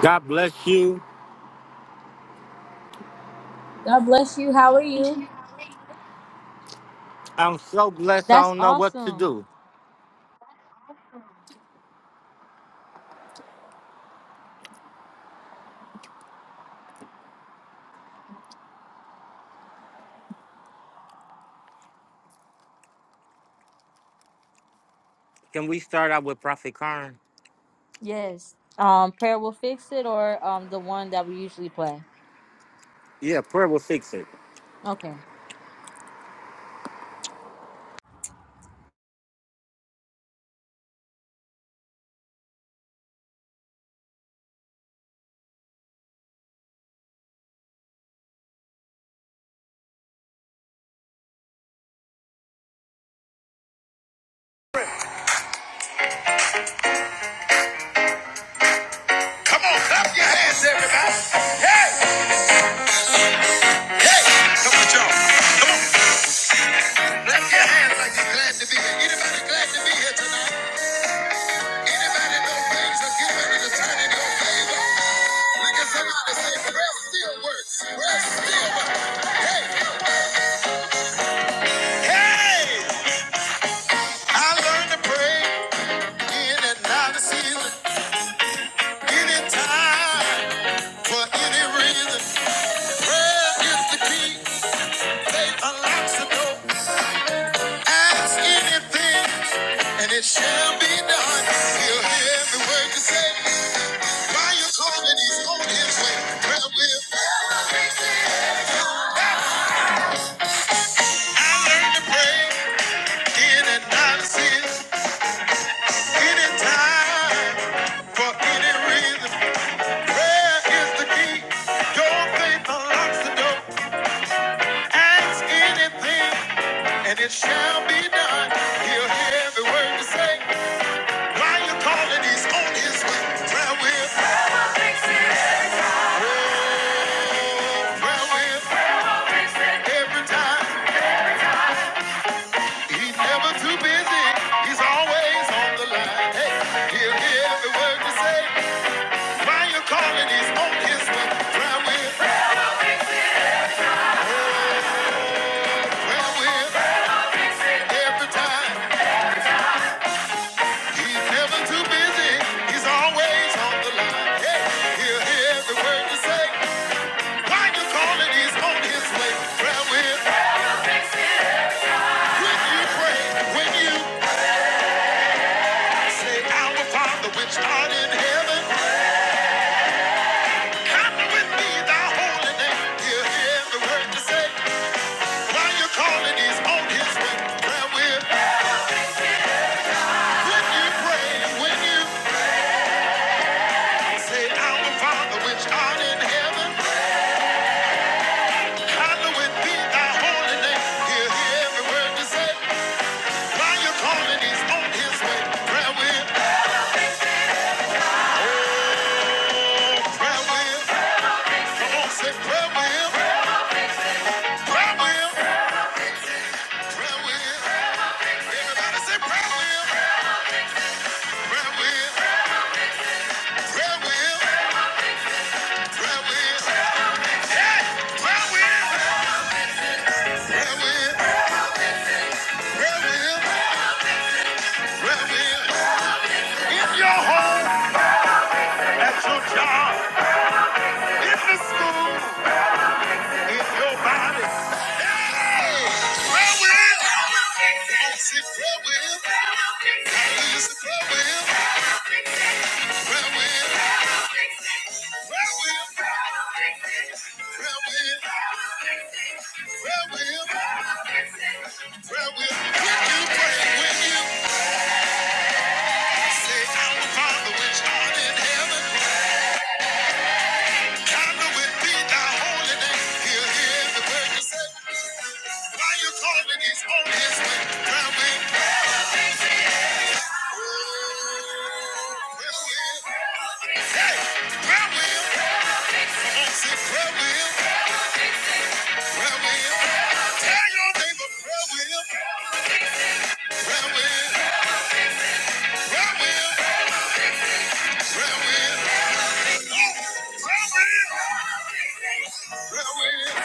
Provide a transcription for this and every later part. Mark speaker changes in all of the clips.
Speaker 1: God bless you.
Speaker 2: God bless you. How are you?
Speaker 1: I'm so blessed. I
Speaker 2: That's
Speaker 1: don't know what to
Speaker 2: awesome.
Speaker 1: do. Can we start out with Prophet Karn?
Speaker 2: Yes. Um, prayer will fix it, or um, the one that we usually play.
Speaker 1: Yeah, prayer will fix it.
Speaker 2: Okay. Come on, clap your hands, everybody. Hey, hey, come on, y'all. Clap your hands like you're glad to be here. Anybody glad to be here tonight? Anybody know things are getting ready to turn in your favor? Look at somebody say, prayer still works. Prayer still works. Hey, hey, I learned to pray in and out of season. Anytime, for any reason, prayer is the key. Faith unlocks the door. Ask anything, and it shall be done. He'll hear every word you say. While you're calling, he's on his way. Prayer will. I learned to pray in and Anytime, for any reason, prayer is the key. Your faith unlocks the door. Ask anything, and it shall be done. He'll hear every word you say. While you're calling, he's on his way. Prayer will, oh, prayer will, every time. He's never too busy. He's always on the line. Hey, he'll hear every word you say. While you're calling, he's on his way. Prayer will, prayer will, every time. He's never too busy. He's always on the line. Hey, he'll hear every word you say. Why you call He's on his way. Prayer will. When you pray, when you say, Our Father which art in heaven, hallowed be thy holy name. He'll hear every word you say. Why you call He's on his way. Prayer will. When you pray, when you say, Our Father which art in heaven, hallowed be thy holy name. He'll hear every word you say. While you calling, he's on his way. Prayer wheel, prayer wheel. Come on, say prayer wheel, prayer wheel, prayer wheel. Everybody say prayer wheel, prayer wheel, prayer wheel, prayer wheel. Hey, prayer wheel, prayer wheel, prayer wheel, prayer wheel. In your home, at your job, in the school. If your body. Hey! Prayer wheel. It's a prayer wheel. It's a prayer wheel. Prayer wheel. Prayer wheel. Prayer wheel. Prayer wheel. Prayer wheel. When you pray, when you say, Our Father which art in heaven, hallowed be thy holy name. He'll hear the word you say. Why you calling these on his Prayer will, prayer will. Hey, prayer will. Come on, say prayer will, prayer will. Tell your neighbor prayer will, prayer will, prayer will, prayer will. Oh, prayer will, prayer will.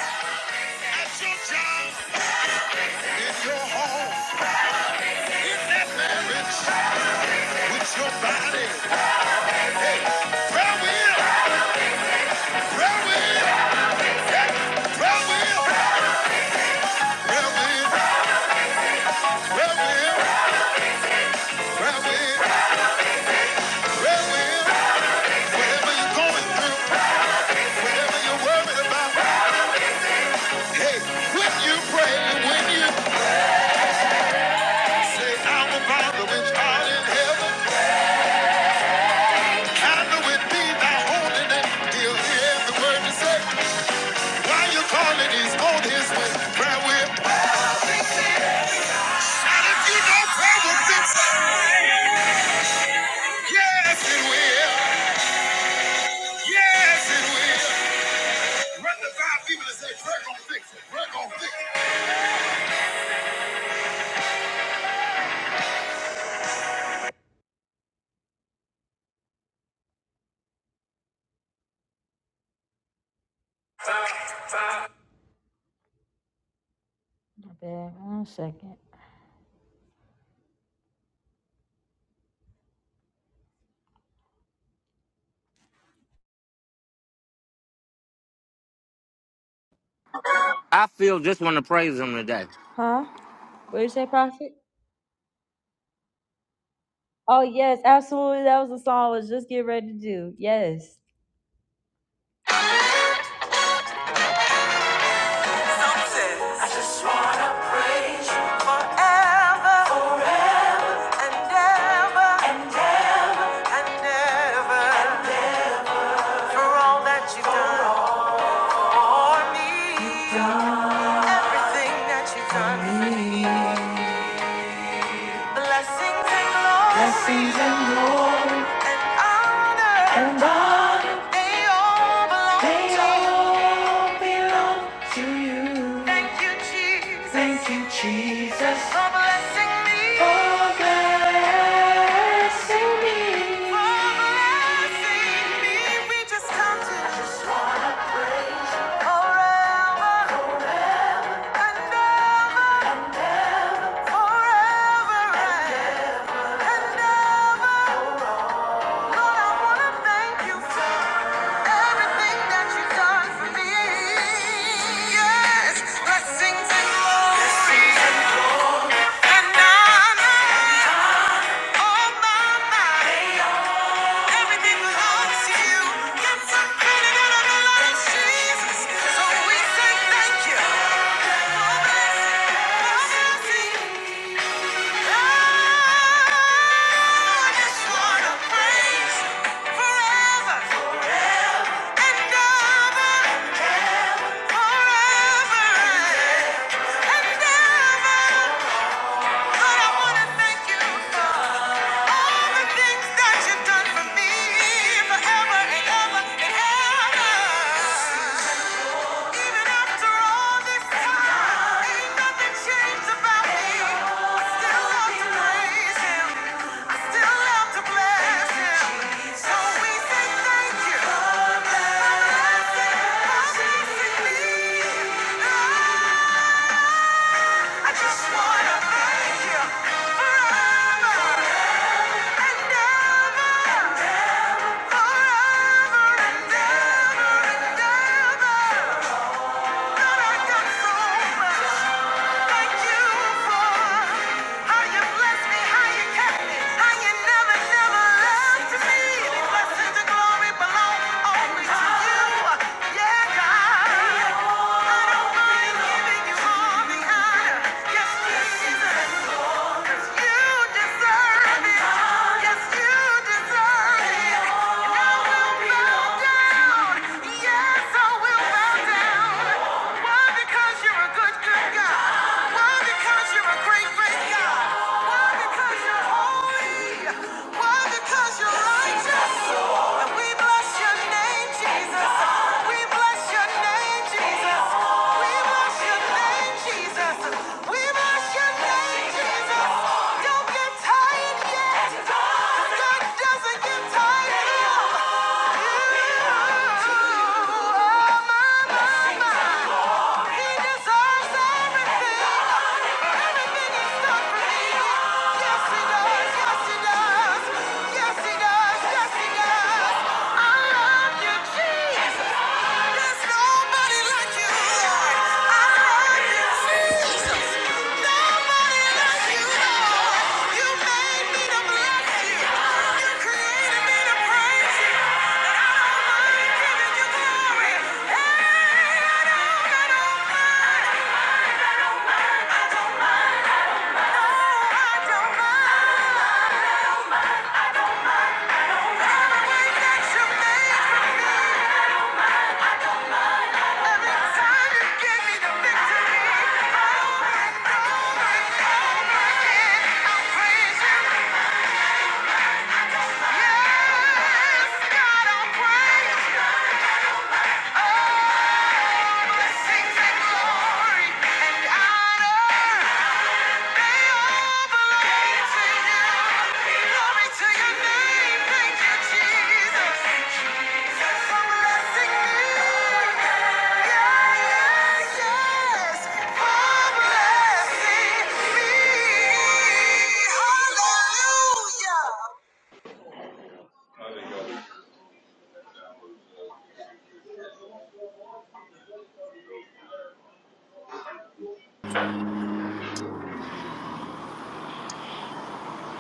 Speaker 2: At your job, in your home, in that marriage, with your body. Hey, prayer wheel, prayer wheel, prayer wheel, prayer wheel, prayer wheel. Whatever hey, yes, Yes, One second.
Speaker 1: I feel just want to praise him today.
Speaker 2: Huh? What did you say, Prophet? Oh yes, absolutely. That was the song I was just getting ready to do. Yes. Says Forever and ever and ever. For all that you've done for me. Everything that you've done. Blessings and glory and honor. They all belong They to all belong to you. Thank you, Jesus, Thank you, Jesus, for blessing me, for blessing for me. blessing me. We just come to forever and ever, forever and ever. Lord, I wanna thank you for everything that you've done for me. Yes, blessings and glory and honor, all my Everything belongs to you. It's a feeling in the blood of Jesus. So we say thank you. For blessing, for blessing. I just wanna praise forever and ever, forever and ever. Lord, I wanna thank you for all the things that you've done for me, forever and ever and ever. Even after all this time, ain't nothing changed about me. I still love to praise Him. I still love to bless Him. So we say thank you. for blessing us and keeping me. I just wanna thank you forever and ever, forever and ever and ever. Thank you. Because you're righteous. And we bless your name, Jesus. We bless your name, Jesus. We bless your name, Jesus. We bless your name, Jesus. Don't get tired yet. 'cause God doesn't get tired of you. Oh, my, my, he deserves everything. Everything he's done for me. Yes, he does. Yes, he does. Yes, he does. Yes, he does. I love you, Jesus. There's nobody like you, Lord. I love you, Jesus. Nobody like you, Lord. You made me to bless you. You created me to praise you. I love giving you glory. Hey, I don't Yeah.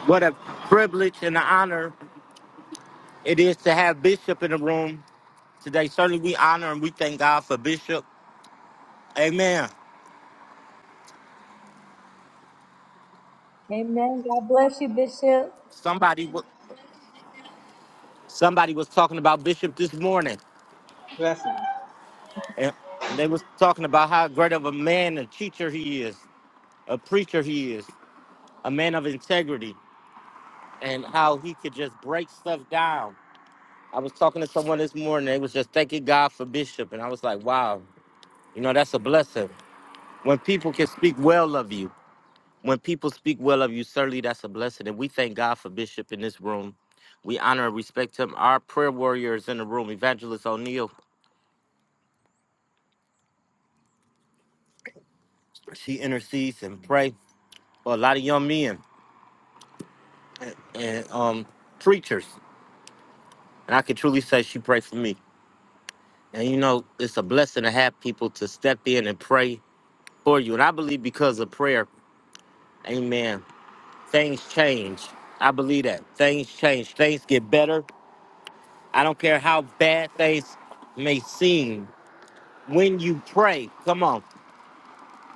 Speaker 1: What a privilege and an honor it is to have Bishop in the room today. Certainly, we honor and we thank God for Bishop. Amen.
Speaker 2: Amen. God bless you, Bishop.
Speaker 1: Somebody, wa- somebody was talking about Bishop this morning,
Speaker 3: Blessings.
Speaker 1: and they was talking about how great of a man, a teacher he is, a preacher he is, a man of integrity, and how he could just break stuff down I was talking to someone this morning. They was just thanking God for Bishop, and I was like, wow, you know, that's a blessing. When people can speak well of you, when people speak well of you, certainly that's a blessing. And we thank God for Bishop in this room. We honor and respect him. Our prayer warrior is in the room, Evangelist O'Neill. She intercedes and pray for a lot of young men and um, preachers. And I can truly say she prayed for me. And you know, it's a blessing to have people to step in and pray for you. And I believe because of prayer, amen. Things change. I believe that. Things change. Things get better. I don't care how bad things may seem. When you pray, come on,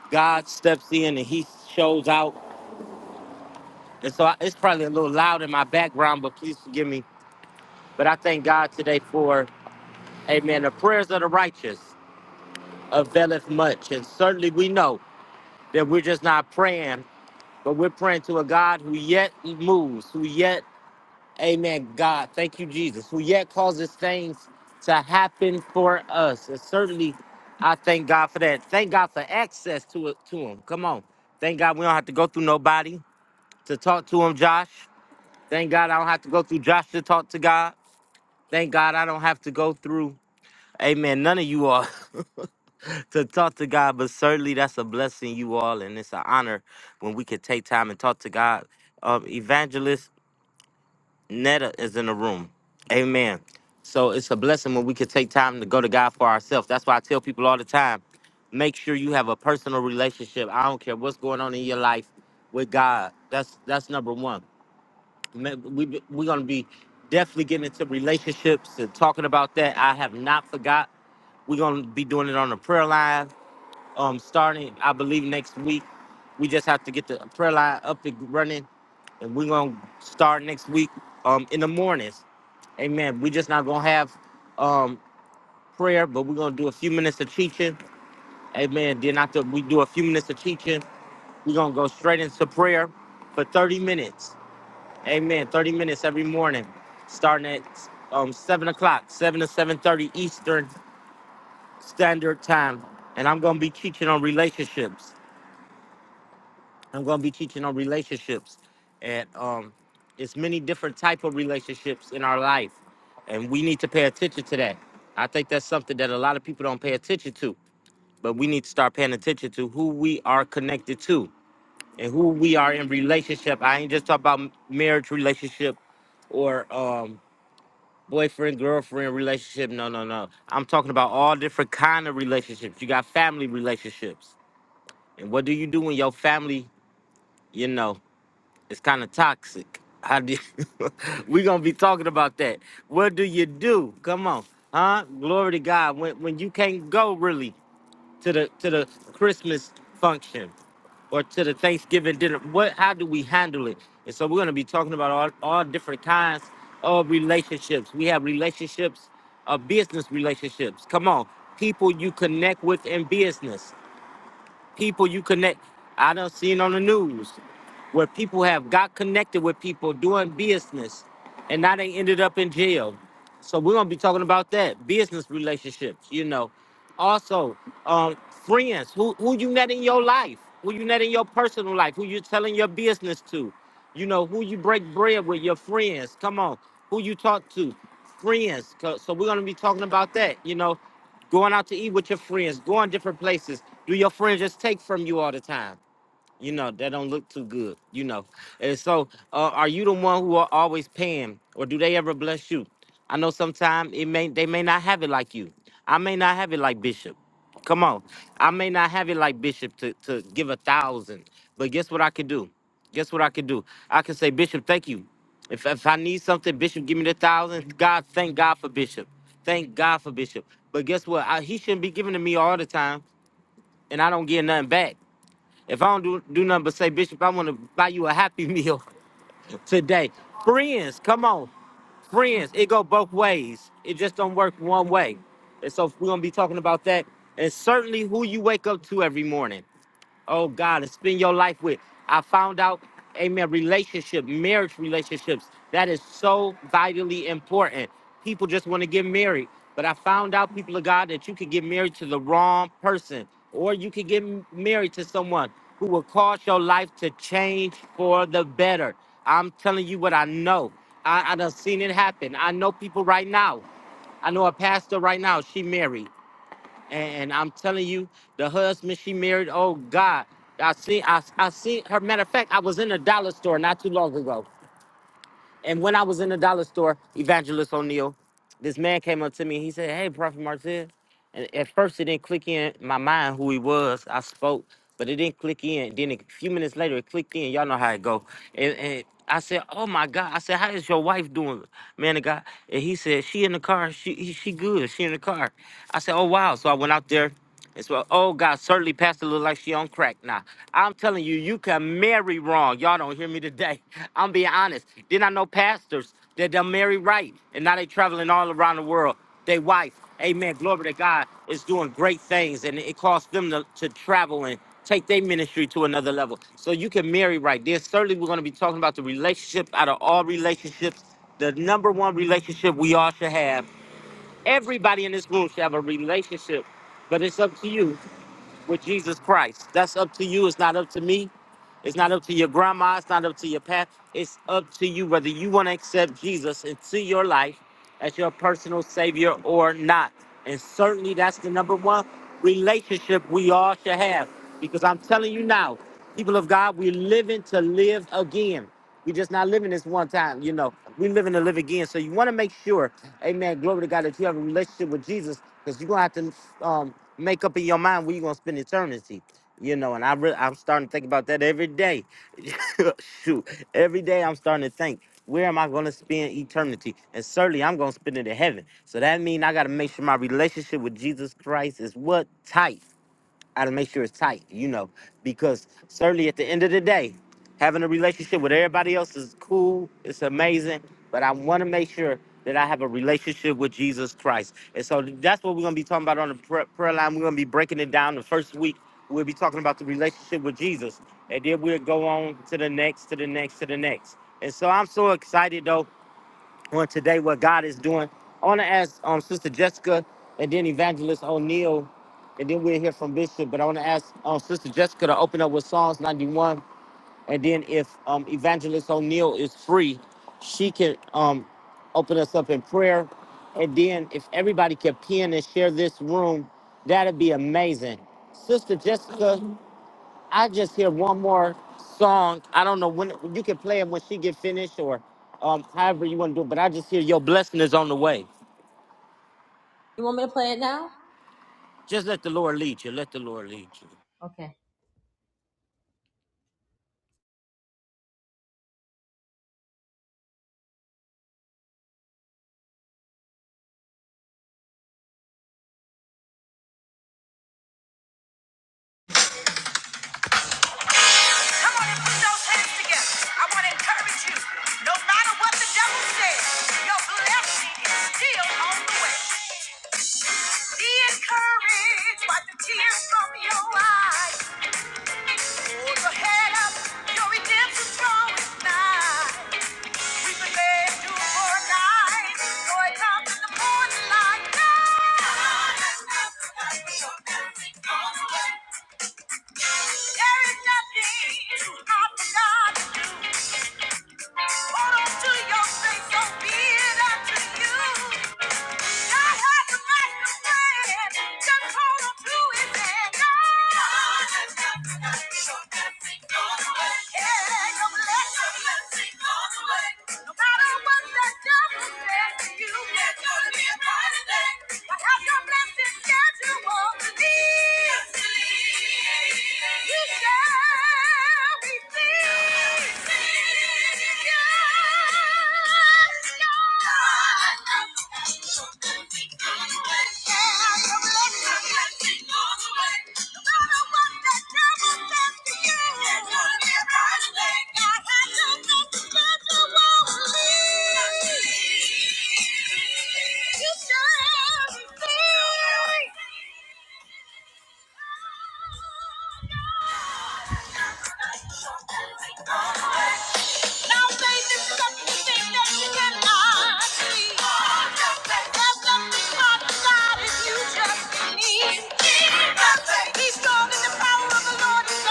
Speaker 1: God steps in and He shows out. And so I, it's probably a little loud in my background, but please forgive me. But I thank God today for, amen, the prayers of the righteous availeth much. And certainly we know that we're just not praying, but we're praying to a God who yet moves, who yet Amen. God, thank you, Jesus, who yet causes things to happen for us. And certainly, I thank God for that. Thank God for access to it to Him. Come on. Thank God we don't have to go through nobody to talk to Him, Josh. Thank God I don't have to go through Josh to talk to God. Thank God I don't have to go through, amen, none of you all to talk to God. But certainly, that's a blessing, you all. And it's an honor when we can take time and talk to God. Um, Evangelist. Netta is in the room. Amen. So it's a blessing when we can take time to go to God for ourselves. That's why I tell people all the time make sure you have a personal relationship. I don't care what's going on in your life with God. That's that's number one. Ma- We, be- we're going to be definitely getting into relationships and talking about that. I have not forgot. We're going to be doing it on the prayer line um, starting, I believe, next week. We just have to get the prayer line up and running, and we're going to start next week um, in the mornings Amen. we just not gonna have um prayer, but we're gonna do a few minutes of teaching. Amen. Then after we do a few minutes of teaching, we're gonna go straight into prayer for 30 minutes. Amen. 30 minutes every morning, starting at um seven o'clock, seven to seven thirty Eastern Standard Time. And I'm gonna be teaching on relationships. I'm going to be teaching on relationships, and um, it's many different type of relationships in our life, and we need to pay attention to that. I think that's something that a lot of people don't pay attention to, but we need to start paying attention to who we are connected to and who we are in relationship. I ain't just talking about m- marriage relationship or um, boyfriend girlfriend relationship. No, no, no. I'm talking about all different kind of relationships. You got family relationships, and what do you do when your family, you know? It's kind of toxic. How do you, we gonna be talking about that? What do you do? Come on, huh? Glory to God. When when you can't go really to the to the Christmas function or to the Thanksgiving dinner, what? How do we handle it? And so we're gonna be talking about all all different kinds of relationships. We have relationships, uh, business relationships. Come on, people you connect with in business people you connect. I done seen on the news where people have got connected with people doing business and now they ended up in jail. So we're gonna be talking about that. Business relationships, you know. Also, um, friends, who who you met in your life, who you met in your personal life, who you telling your business to, you know, who you break bread with, your friends. Come on, who you talk to, friends. 'Cause- So we're gonna be talking about that, you know. Going out to eat with your friends, going different places. Do your friends just take from you all the time? You know that don't look too good. You know, and so uh, are you the one who are always paying, or do they ever bless you? I know sometimes it may they may not have it like you. I may not have it like Bishop. Come on, I may not have it like Bishop to to give a thousand, but guess what I could do? Guess what I could do? I could say, Bishop, thank you. If if I need something, Bishop, give me the thousand. God, thank God for Bishop. Thank God for Bishop. But guess what? I, he shouldn't be giving to me all the time, and I don't get nothing back. If I don't do, do nothing but say, Bishop, I want to buy you a happy meal today. Friends, come on. Friends, it go both ways. It just don't work one way. And so we're gonna be talking about that and certainly who you wake up to every morning oh God, and spend your life with. I found out, amen, relationship, marriage relationships, that is so vitally important. People just want to get married. But I found out, people of God, that you could get married to the wrong person, or you could get m- married to someone who will cause your life to change for the better. I'm telling you what I know. I, I done seen it happen. I know people right now I know a pastor right now, she married. And, and I'm telling you, the husband she married, oh God. I seen I, I seen her. Matter of fact, I was in a dollar store not too long ago. And when I was in the dollar store, Evangelist O'Neill, this man came up to me. He said, Hey, Prophet Martez. And at first it didn't click in my mind who he was. I spoke, but it didn't click in. Then a few minutes later it clicked in. Y'all know how it go. And, and I said, Oh my God. I said, How is your wife doing, man of God? And he said, She in the car. She he- she good. She in the car. I said, Oh wow. So I went out there. It's well, oh God, certainly Pastor look like she on crack now. I'm telling you, you can marry wrong. Y'all don't hear me today. I'm being honest. Then I know pastors that they'll marry right, and now they traveling all around the world. They wife, amen, glory to God, is doing great things, and it costs them to, to travel and take their ministry to another level. So you can marry right. There's certainly we're going to be talking about the relationship out of all relationships. The number one relationship we all should have. Everybody in this room should have a relationship but it's up to you with Jesus Christ. That's up to you. It's not up to me. It's not up to your grandma. It's not up to your past. It's up to you whether you want to accept Jesus into your life as your personal savior or not. And certainly that's the number one relationship we all should have. Because I'm telling you now, people of God, we're living to live again. We're just not living this one time, you know. We're living to live again. So you want to make sure Amen. Glory to God that you have a relationship with Jesus because you're going to have to um, make up in your mind where you're going to spend eternity. You know, and I re- I'm starting to think about that every day. Shoot, every day I'm starting to think, where am I going to spend eternity? And certainly I'm going to spend it in heaven. So that means I got to make sure my relationship with Jesus Christ is what? Tight. I to make sure it's tight, you know, because certainly at the end of the day, having a relationship with everybody else is cool, it's amazing, but I want to make sure that I have a relationship with Jesus Christ. And so that's what we're going to be talking about on the pr- prayer line. We're going to be breaking it down the first week. We'll be talking about the relationship with Jesus. And then we'll go on to the next, to the next, to the next. And so I'm so excited, though on today what God is doing. I want to ask um, Sister Jessica and then Evangelist O'Neill, and then we'll hear from Bishop. But I want to ask um, Sister Jessica to open up with Psalms 91, and then if um, Evangelist O'Neill is free, she can um, open us up in prayer. And then if everybody can pin and share this room, that'd be amazing. Sister Jessica, I just hear one more song. I don't know when you can play it when she get finished or um however you want to do it, but I just hear your blessing is on the way.
Speaker 2: You want me to play it now?
Speaker 1: Just let the Lord lead you. Let the Lord lead you.
Speaker 2: Okay. Come on and put those hands together. I want to encourage you. No matter what the devil says, your blessing is still on the way. Be encouraged by the tears from your eyes. Hold your head up. Your redemption's drawing nigh. We've been made to for a night. Joy comes in the morning light. There is nothing too hard for God. be you. shall Yeah. You shall be free. Now they disrupt the thing that you cannot see. There's nothing hard to God if you just believe. Be strong in the power of the Lord is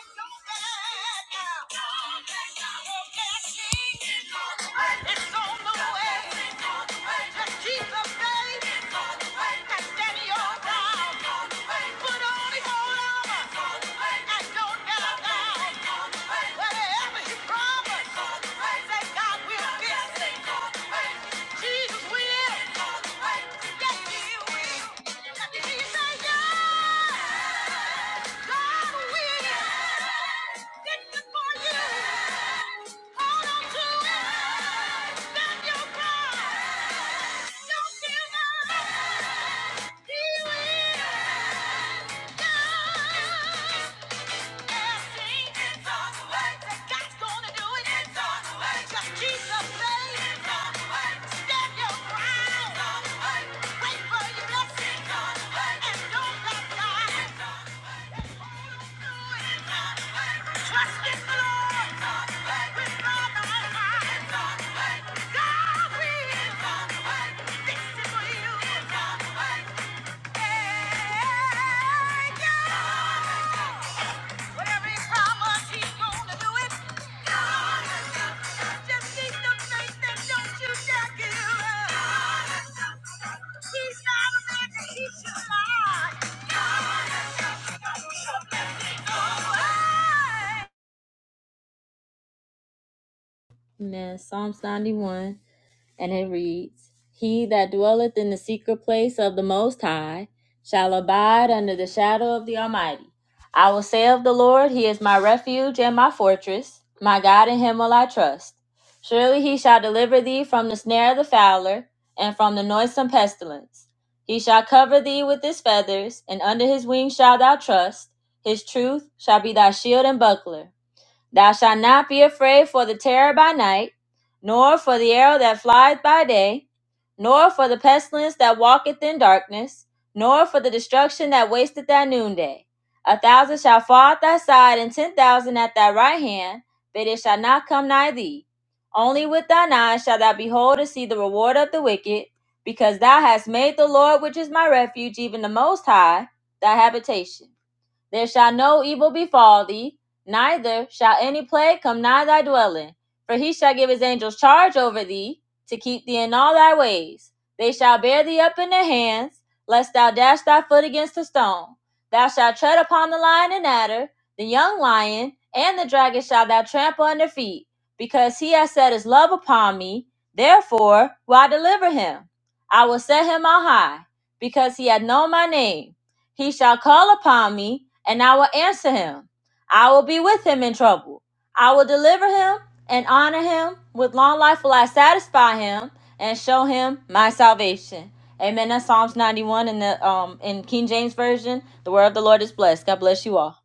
Speaker 2: at your Jesus will. Yeah. Trust in the Lord with all thy heart. God will. This is for you. Hey, God man Now, Psalms 91. And it reads He that dwelleth in the secret place of the Most High shall abide under the shadow of the Almighty. I will say of the Lord, He is my refuge and my fortress. My God, in Him will I trust. Surely He shall deliver thee from the snare of the fowler and from the noisome pestilence. He shall cover thee with his feathers, and under his wings shalt thou trust. His truth shall be thy shield and buckler. Thou shalt not be afraid for the terror by night, nor for the arrow that flieth by day, nor for the pestilence that walketh in darkness, nor for the destruction that wasteth at noonday. A thousand shall fall at thy side, and ten thousand at thy right hand, but it shall not come nigh thee. Only with thine eyes shalt thou behold and see the reward of the wicked, because thou hast made the Lord, which is my refuge, even the Most High, thy habitation. There shall no evil befall thee, neither shall any plague come nigh thy dwelling. For he shall give his angels charge over thee, to keep thee in all thy ways. They shall bear thee up in their hands, lest thou dash thy foot against a stone. Thou shalt tread upon the lion and adder, the young lion, and the dragon shalt thou trample under feet, because he has set his love upon me. Therefore will I deliver him. I will set him on high, because he hath known my name. He shall call upon me, and I will answer him. I will be with him in trouble. I will deliver him and honor him. With long life will I satisfy him and show him my salvation. Amen. That's Psalms 91 in the um in King James Version. The word of the Lord is blessed. God bless you all.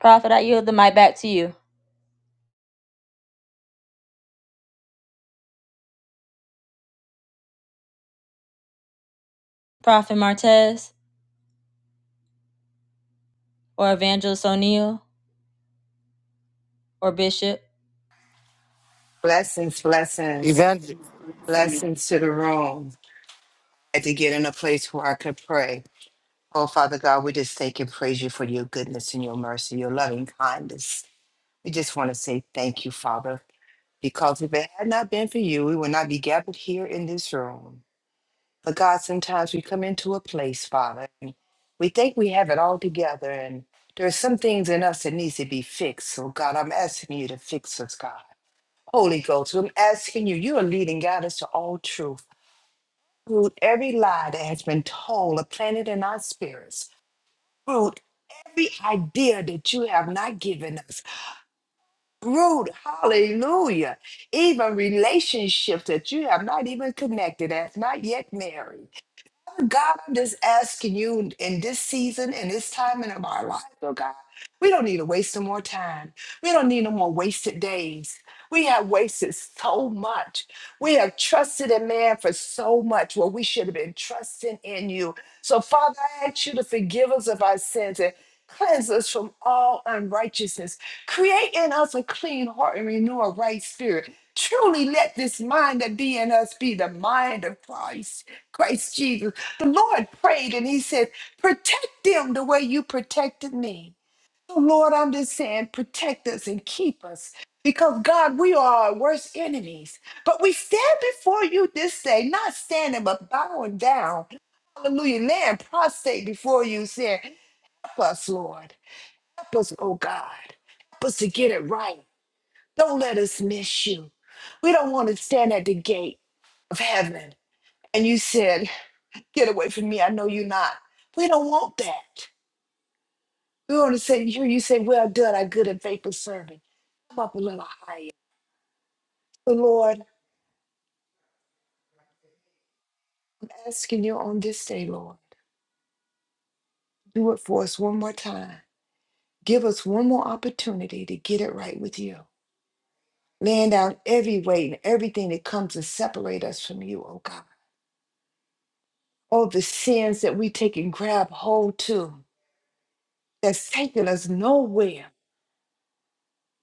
Speaker 2: Prophet, I yield the mic back to you. Prophet Martez or Evangelist O'Neill. or bishop?
Speaker 4: Blessings, blessings,
Speaker 1: Evangel
Speaker 4: blessings to the room. I had to get in a place where I could pray. Oh, Father God, we just thank and praise you for your goodness and your mercy, your loving kindness. We just want to say thank you, Father, because if it had not been for you, we would not be gathered here in this room. But God, sometimes we come into a place, Father, and we think we have it all together, and there are some things in us that needs to be fixed. So, God, I'm asking you to fix us, God. Holy Ghost, I'm asking you, you are leading God us to all truth. Fruit every lie that has been told or planted in our spirits. Root every idea that you have not given us. Root, hallelujah. Even relationships that you have not even connected, that's not yet married. Father God, I'm just asking you in this season and this time in of our life, oh God, we don't need to waste no more time. We don't need no more wasted days. We have wasted so much. We have trusted in man for so much where we should have been trusting in you. So, Father, I ask you to forgive us of our sins and cleanse us from all unrighteousness. Create in us a clean heart and renew a right spirit. Truly let this mind that be in us be the mind of Christ. Christ Jesus. The Lord prayed and he said, Protect them the way you protected me. So, Lord, I'm just saying, protect us and keep us because, God, we are our worst enemies. But we stand before you this day, not standing, but bowing down. Hallelujah. Laying prostrate before you, saying, Help us, Lord. Help us, oh God. Help us to get it right. Don't let us miss you. We don't want to stand at the gate of heaven. And you said, Get away from me. I know you're not. We don't want that. We want to say, hear you say, well done, our good and faithful servant. Come up a little higher. So, Lord, I'm asking you on this day, Lord, do it for us one more time. Give us one more opportunity to get it right with you. Laying down every weight and everything that comes to separate us from you, oh God. All the sins that we take and grab hold to that's taking us nowhere,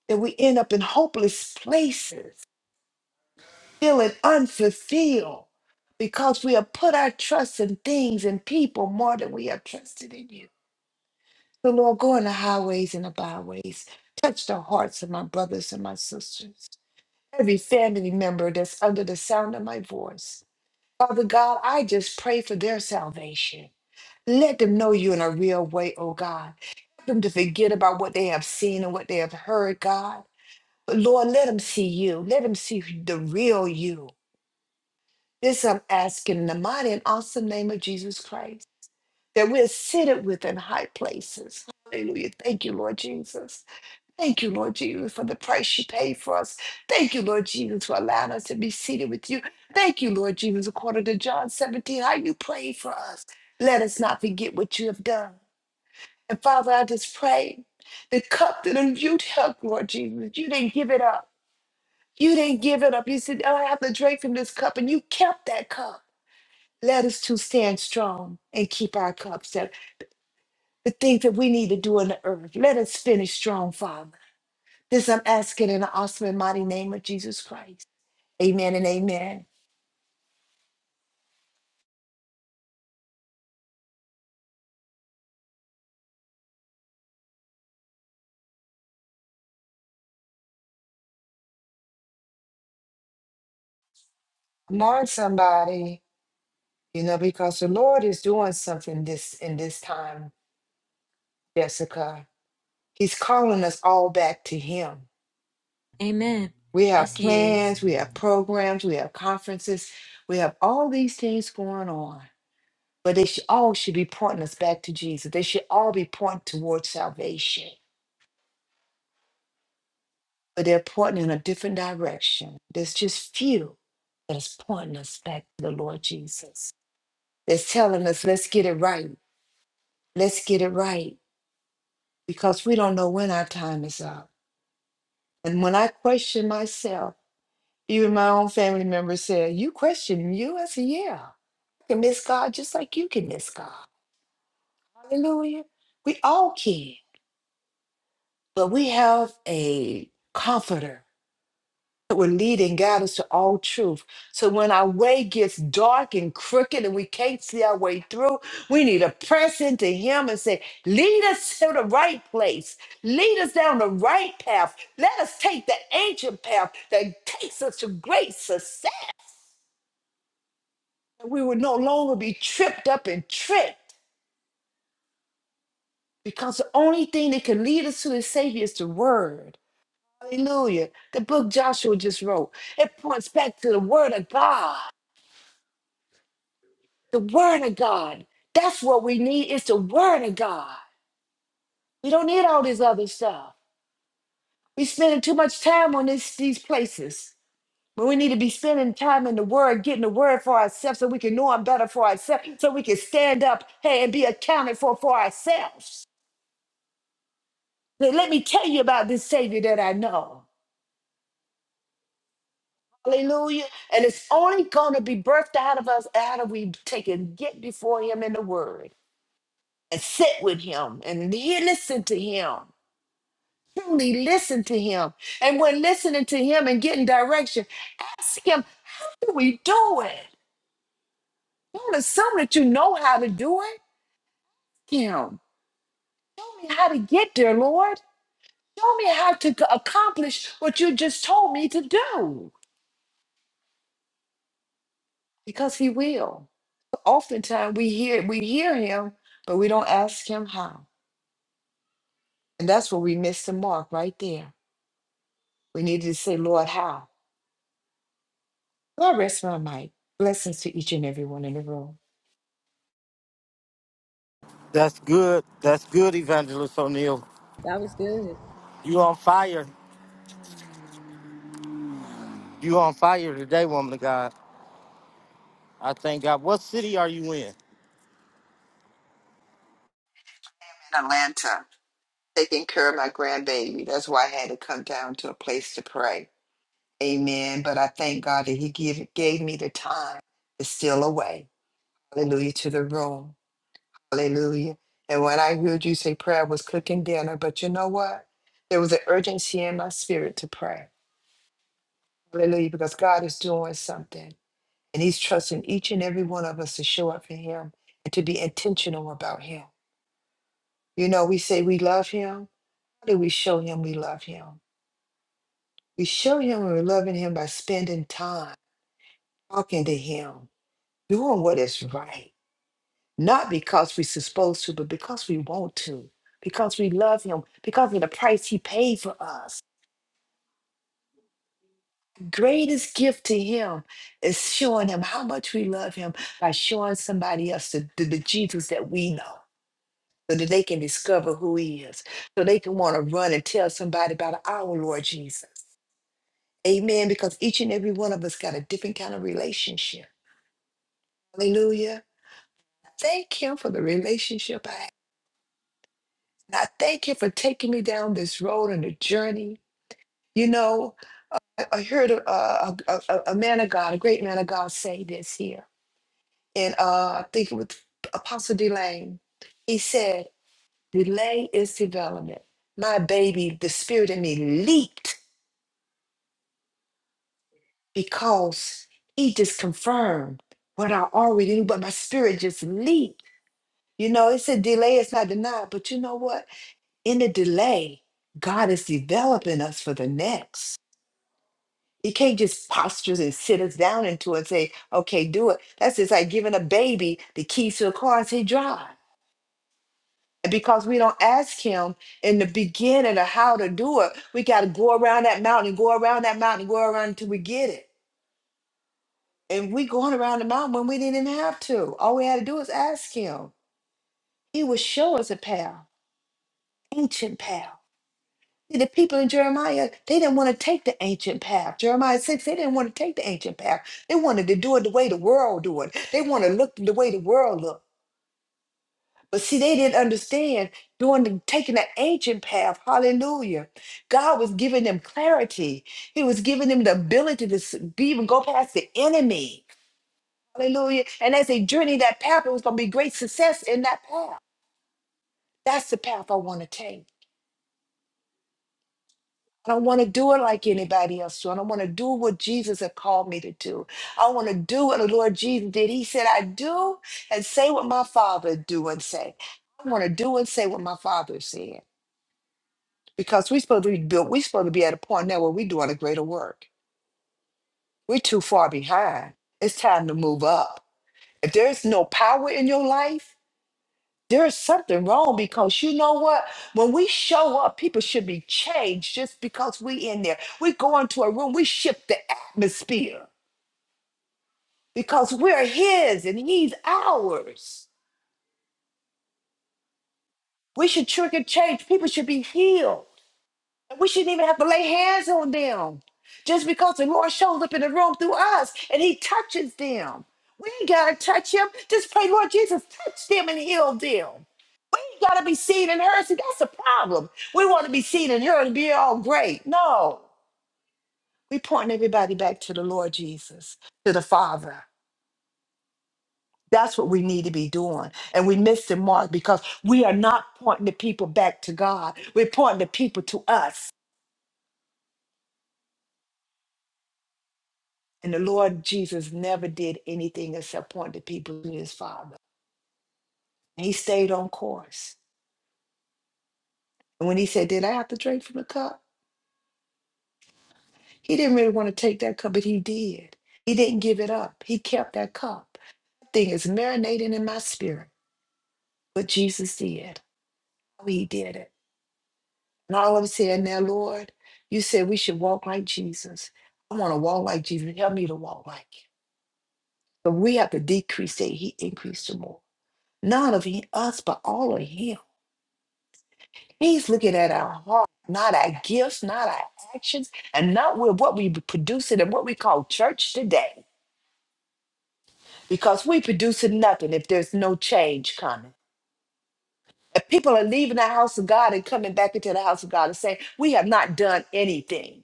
Speaker 4: that we end up in hopeless places feeling unfulfilled because we have put our trust in things and people more than we have trusted in you. So, Lord, go in the highways and the byways. Touch the hearts of my brothers and my sisters, every family member that's under the sound of my voice. Father God, I just pray for their salvation. Let them know you in a real way, oh God. Help them to forget about what they have seen and what they have heard, God. But Lord, let them see you. Let them see the real you This I'm asking in the mighty and awesome name of Jesus Christ, that we're seated with in high places. Hallelujah. Thank you, Lord Jesus. Thank you, Lord Jesus, for the price you paid for us. Thank you, Lord Jesus, for allowing us to be seated with you. Thank you, Lord Jesus, according to John 17, how you prayed for us. Let us not forget what you have done. And Father, I just pray the cup that you took, Lord Jesus, you didn't give it up. You didn't give it up. You said, Oh, I have to drink from this cup, and you kept that cup. Let us to stand strong and keep our cups up. The things that we need to do in the earth, let us finish strong, Father. This I'm asking in the awesome and mighty name of Jesus Christ. Amen and amen. Come on, somebody. You know, because the Lord is doing something this in this time, Jessica. He's calling us all back to Him.
Speaker 2: Amen.
Speaker 4: We have
Speaker 2: Yes, he is.
Speaker 4: plans, we have programs, we have conferences, we have all these things going on. but they should all should be pointing us back to Jesus. They should all be pointing towards salvation, but they're pointing in a different direction. There's just few that is pointing us back to the Lord Jesus. That's telling us, let's get it right. Let's get it right because we don't know when our time is up. And when I question myself, even my own family members said, "You question you?" I said, "Yeah, I can miss God just like you can miss God." Hallelujah. We all can, but we have a comforter that will lead and guide us to all truth. So when our way gets dark and crooked and we can't see our way through, we need to press into Him and say, Lead us to the right place. Lead us down the right path. Let us take the ancient path that takes us to great success. We will no longer be tripped up and tricked because the only thing that can lead us to the Savior is the Word. Hallelujah. The book Joshua just wrote, it points back to the Word of God. The word of God. That's what we need. is the word of God. We don't need all this other stuff. We spending too much time on this, these places. but we need to be spending time in the word, getting the word for ourselves so we can know him better for ourselves, so we can stand up hey, and be accounted for for ourselves. Let let me tell you about this Savior that I know. Hallelujah. And it's only going to be birthed out of us out of we take and get before him in the word and sit with him and he- listen to him truly listen to him. And when listening to him and getting direction, ask him, how do we do it? Don't assume that you know how to do it. Him, show me how to get there, Lord. Show me how to c- accomplish what you just told me to do. Because he will. Oftentimes we hear we hear him, but we don't ask him how. And that's where we miss the mark right there. We needed to say, Lord, how? Lord, rest my mic. Blessings to each and every one in the room.
Speaker 1: that's good. That's good, Evangelist O'Neill.
Speaker 2: That was good.
Speaker 1: You on fire. You on fire today, woman of God. I thank God. What city are you in?
Speaker 4: In Atlanta. taking care of my grandbaby. That's why I had to come down to a place to pray. Amen. But I thank God that He give, gave me the time to steal away. Hallelujah to the room. Hallelujah. And when I heard you say prayer, I was cooking dinner. But you know what? There was an urgency in my spirit to pray. Hallelujah. Because God is doing something. And He's trusting each and every one of us to show up for Him and to be intentional about Him. You know, we say we love Him. How do we show Him we love Him? We show him when we're loving him by spending time talking to him, doing what is right, not because we're supposed to, but because we want to, because we love him, because of the price he paid for us. Greatest gift to him is showing him how much we love him by showing somebody else the, the, the Jesus that we know. So that they can discover who he is. So they can want to run and tell somebody about our Lord Jesus. Amen. Because each and every one of us got a different kind of relationship. Hallelujah. Thank Him for the relationship I have. And I thank Him for taking me down this road and the journey. You know, I, I heard a, a, a, a a man of God, a great man of God, say this here. And uh, I think it was Apostle Delane. He said, Delay is development. My baby, the spirit in me leaped because he just confirmed what I already knew, but my spirit just leaped. You know, it said delay is not denied, but you know what? in the delay, God is developing us for the next. He can't just posture us and sit us down into it and say, okay, do it. That's just like giving a baby the keys to the car as he drive. And because we don't ask him in the beginning of how to do it, we got to go around that mountain, go around that mountain, go around until we get it. And we going around the mountain when we didn't have to. All we had to do was ask him. He would show us a path, ancient path. See, The people in Jeremiah, they didn't want to take the ancient path. Jeremiah 6, they didn't want to take the ancient path. They wanted to do it the way the world do it. They want to look the way the world look. But see, they didn't understand doing the, taking the ancient path. Hallelujah. God was giving them clarity. He was giving them the ability to s- be, even go past the enemy. Hallelujah. And as they journey that path, it was going to be great success in that path. That's the path I want to take. I don't want to do it like anybody else do. I don't want to do what Jesus had called me to do. I want to do what the Lord Jesus did. He said, I do and say what my Father do and say. I want to do and say what my Father said. Because we're supposed to be built, we're supposed to be at a point now where we're doing a greater work. We're too far behind. It's time to move up. If there's no power in your life, there's something wrong because you know what? When we show up, people should be changed just because we in there. We go into a room, we shift the atmosphere because we're his and he's ours. We should trigger change. People should be healed. We shouldn't even have to lay hands on them just because the Lord shows up in the room through us and he touches them. We ain't got to touch him. Just pray, Lord Jesus, touch them and heal them. We ain't got to be seen and heard. See, that's the problem. We want to be seen and heard and be all great. No, we pointing everybody back to the Lord Jesus, to the Father. That's what we need to be doing. And we miss the mark because we are not pointing the people back to God. We're pointing the people to us And the Lord Jesus never did anything except point the people to his Father. And he stayed on course. And when he said, Did I have to drink from the cup? He didn't really want to take that cup, but he did. He didn't give it up. He kept that cup. That Thing is marinating in my spirit. What Jesus did, how he did it. And all of us here now, Lord, you said we should walk like Jesus. I want to walk like Jesus. Help me to walk like him. But we have to decrease that he increased the more. None of he, us, but all of him. He's looking at our heart, not our gifts, not our actions, and not with what we producing and what we call church today. Because we producing nothing if there's no change coming. If people are leaving the house of God and coming back into the house of God and saying, We have not done anything.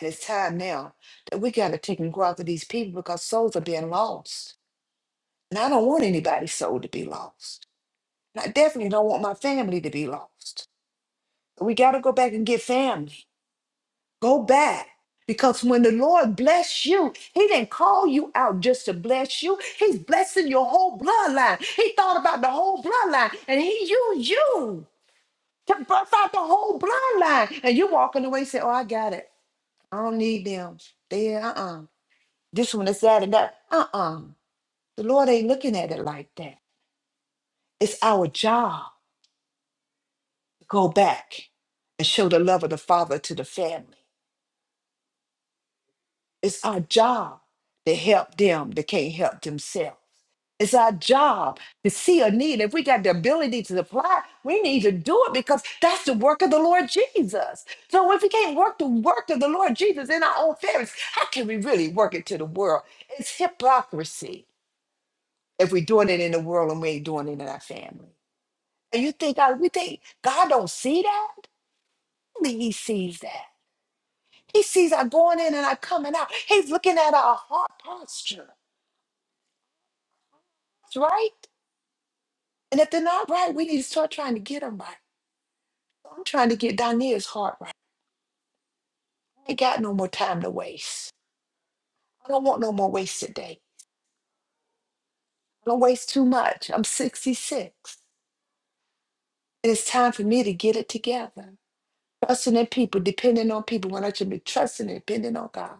Speaker 4: And it's time now that we gotta take and go after these people because souls are being lost. And I don't want anybody's soul to be lost. And I definitely don't want my family to be lost. We gotta go back and get family. Go back. Because when the Lord bless you, He didn't call you out just to bless you. He's blessing your whole bloodline. He thought about the whole bloodline and He used you to birth out the whole bloodline. And you walking away saying, Oh, I got it. I don't need them. They, uh uh This one is that and that. Uh uh The Lord ain't looking at it like that. It's our job to go back and show the love of the Father to the family. It's our job to help them that can't help themselves. It's our job to see a need. If we got the ability to supply, we need to do it because that's the work of the Lord Jesus. So if we can't work the work of the Lord Jesus in our own families, how can we really work it to the world? It's hypocrisy if we're doing it in the world and we ain't doing it in our family. And you think God, we think God don't see that? Only He sees that. He sees our going in and our coming out. He's looking at our heart posture. That's right. And if they're not right, we need to start trying to get them right. I'm trying to get Donia's heart right. I ain't got no more time to waste. I don't want no more wasted day. I don't waste too much. I'm 66. And it's time for me to get it together. Trusting in people, depending on people when I should be trusting and depending on God.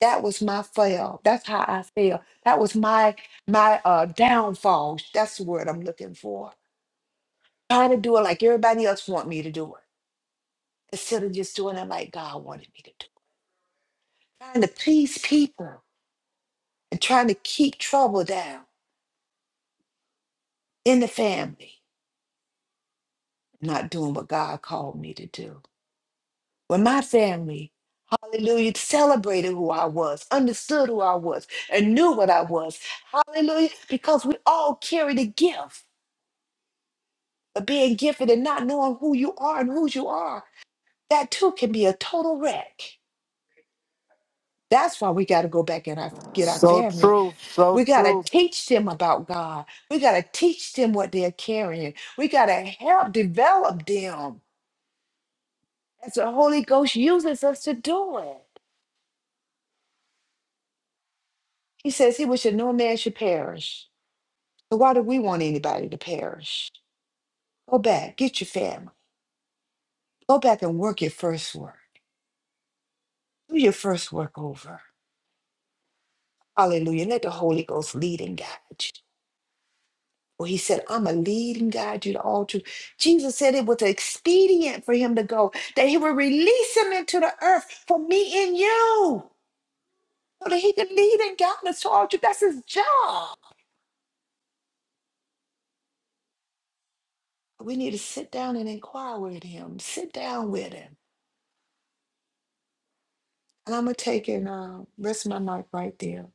Speaker 4: That was my fail. That's how I failed. That was my my uh downfall. That's the word I'm looking for. Trying to do it like everybody else want me to do it. Instead of just doing it like God wanted me to do. it. Trying to please people and trying to keep trouble down in the family not doing what God called me to do. When my family, hallelujah, celebrated who I was, understood who I was, and knew what I was, hallelujah, because we all carry the gift of being gifted and not knowing who you are and whose you are. That too can be a total wreck. That's why we got to go back and our, get our
Speaker 1: So
Speaker 4: family.
Speaker 1: true, so
Speaker 4: We got to
Speaker 1: true.
Speaker 4: teach them about God. We got to teach them what they're carrying. We got to help develop them as the Holy Ghost uses us to do it. He says he wish that no man should perish. So why do we want anybody to perish? Go back, get your family. Go back and work your first work. Do your first work over. Hallelujah. Let the Holy Ghost lead and guide you. Well, he said, I'm going to lead and guide you to all truth. Jesus said it was expedient for him to go, that he would release him into the earth for me and you, so that he could lead and guide us to all truth. That's his job. we need to sit down and inquire with him. Sit down with him. And I'm gonna take and um, rest my mic right there.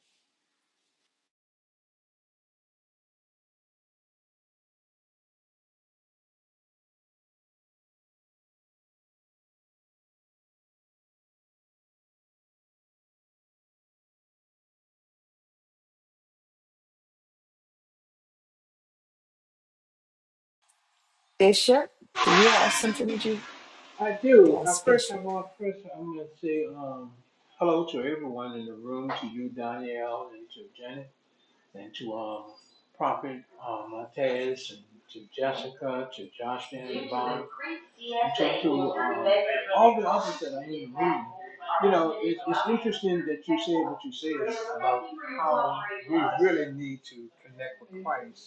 Speaker 4: Bishop, do you have something that you?
Speaker 3: I do. Uh,
Speaker 4: Yes,
Speaker 3: first, I
Speaker 4: Bishop.
Speaker 3: want first I'm going to say um, hello to everyone in the room, to you, Danielle, and to Janet, and to um, Prophet um, Montez, and to Jessica, to Josh and Yvonne, and to, to um, all the others that are in the room. You know, it, it's interesting that you say what you say about how we really need to connect with Christ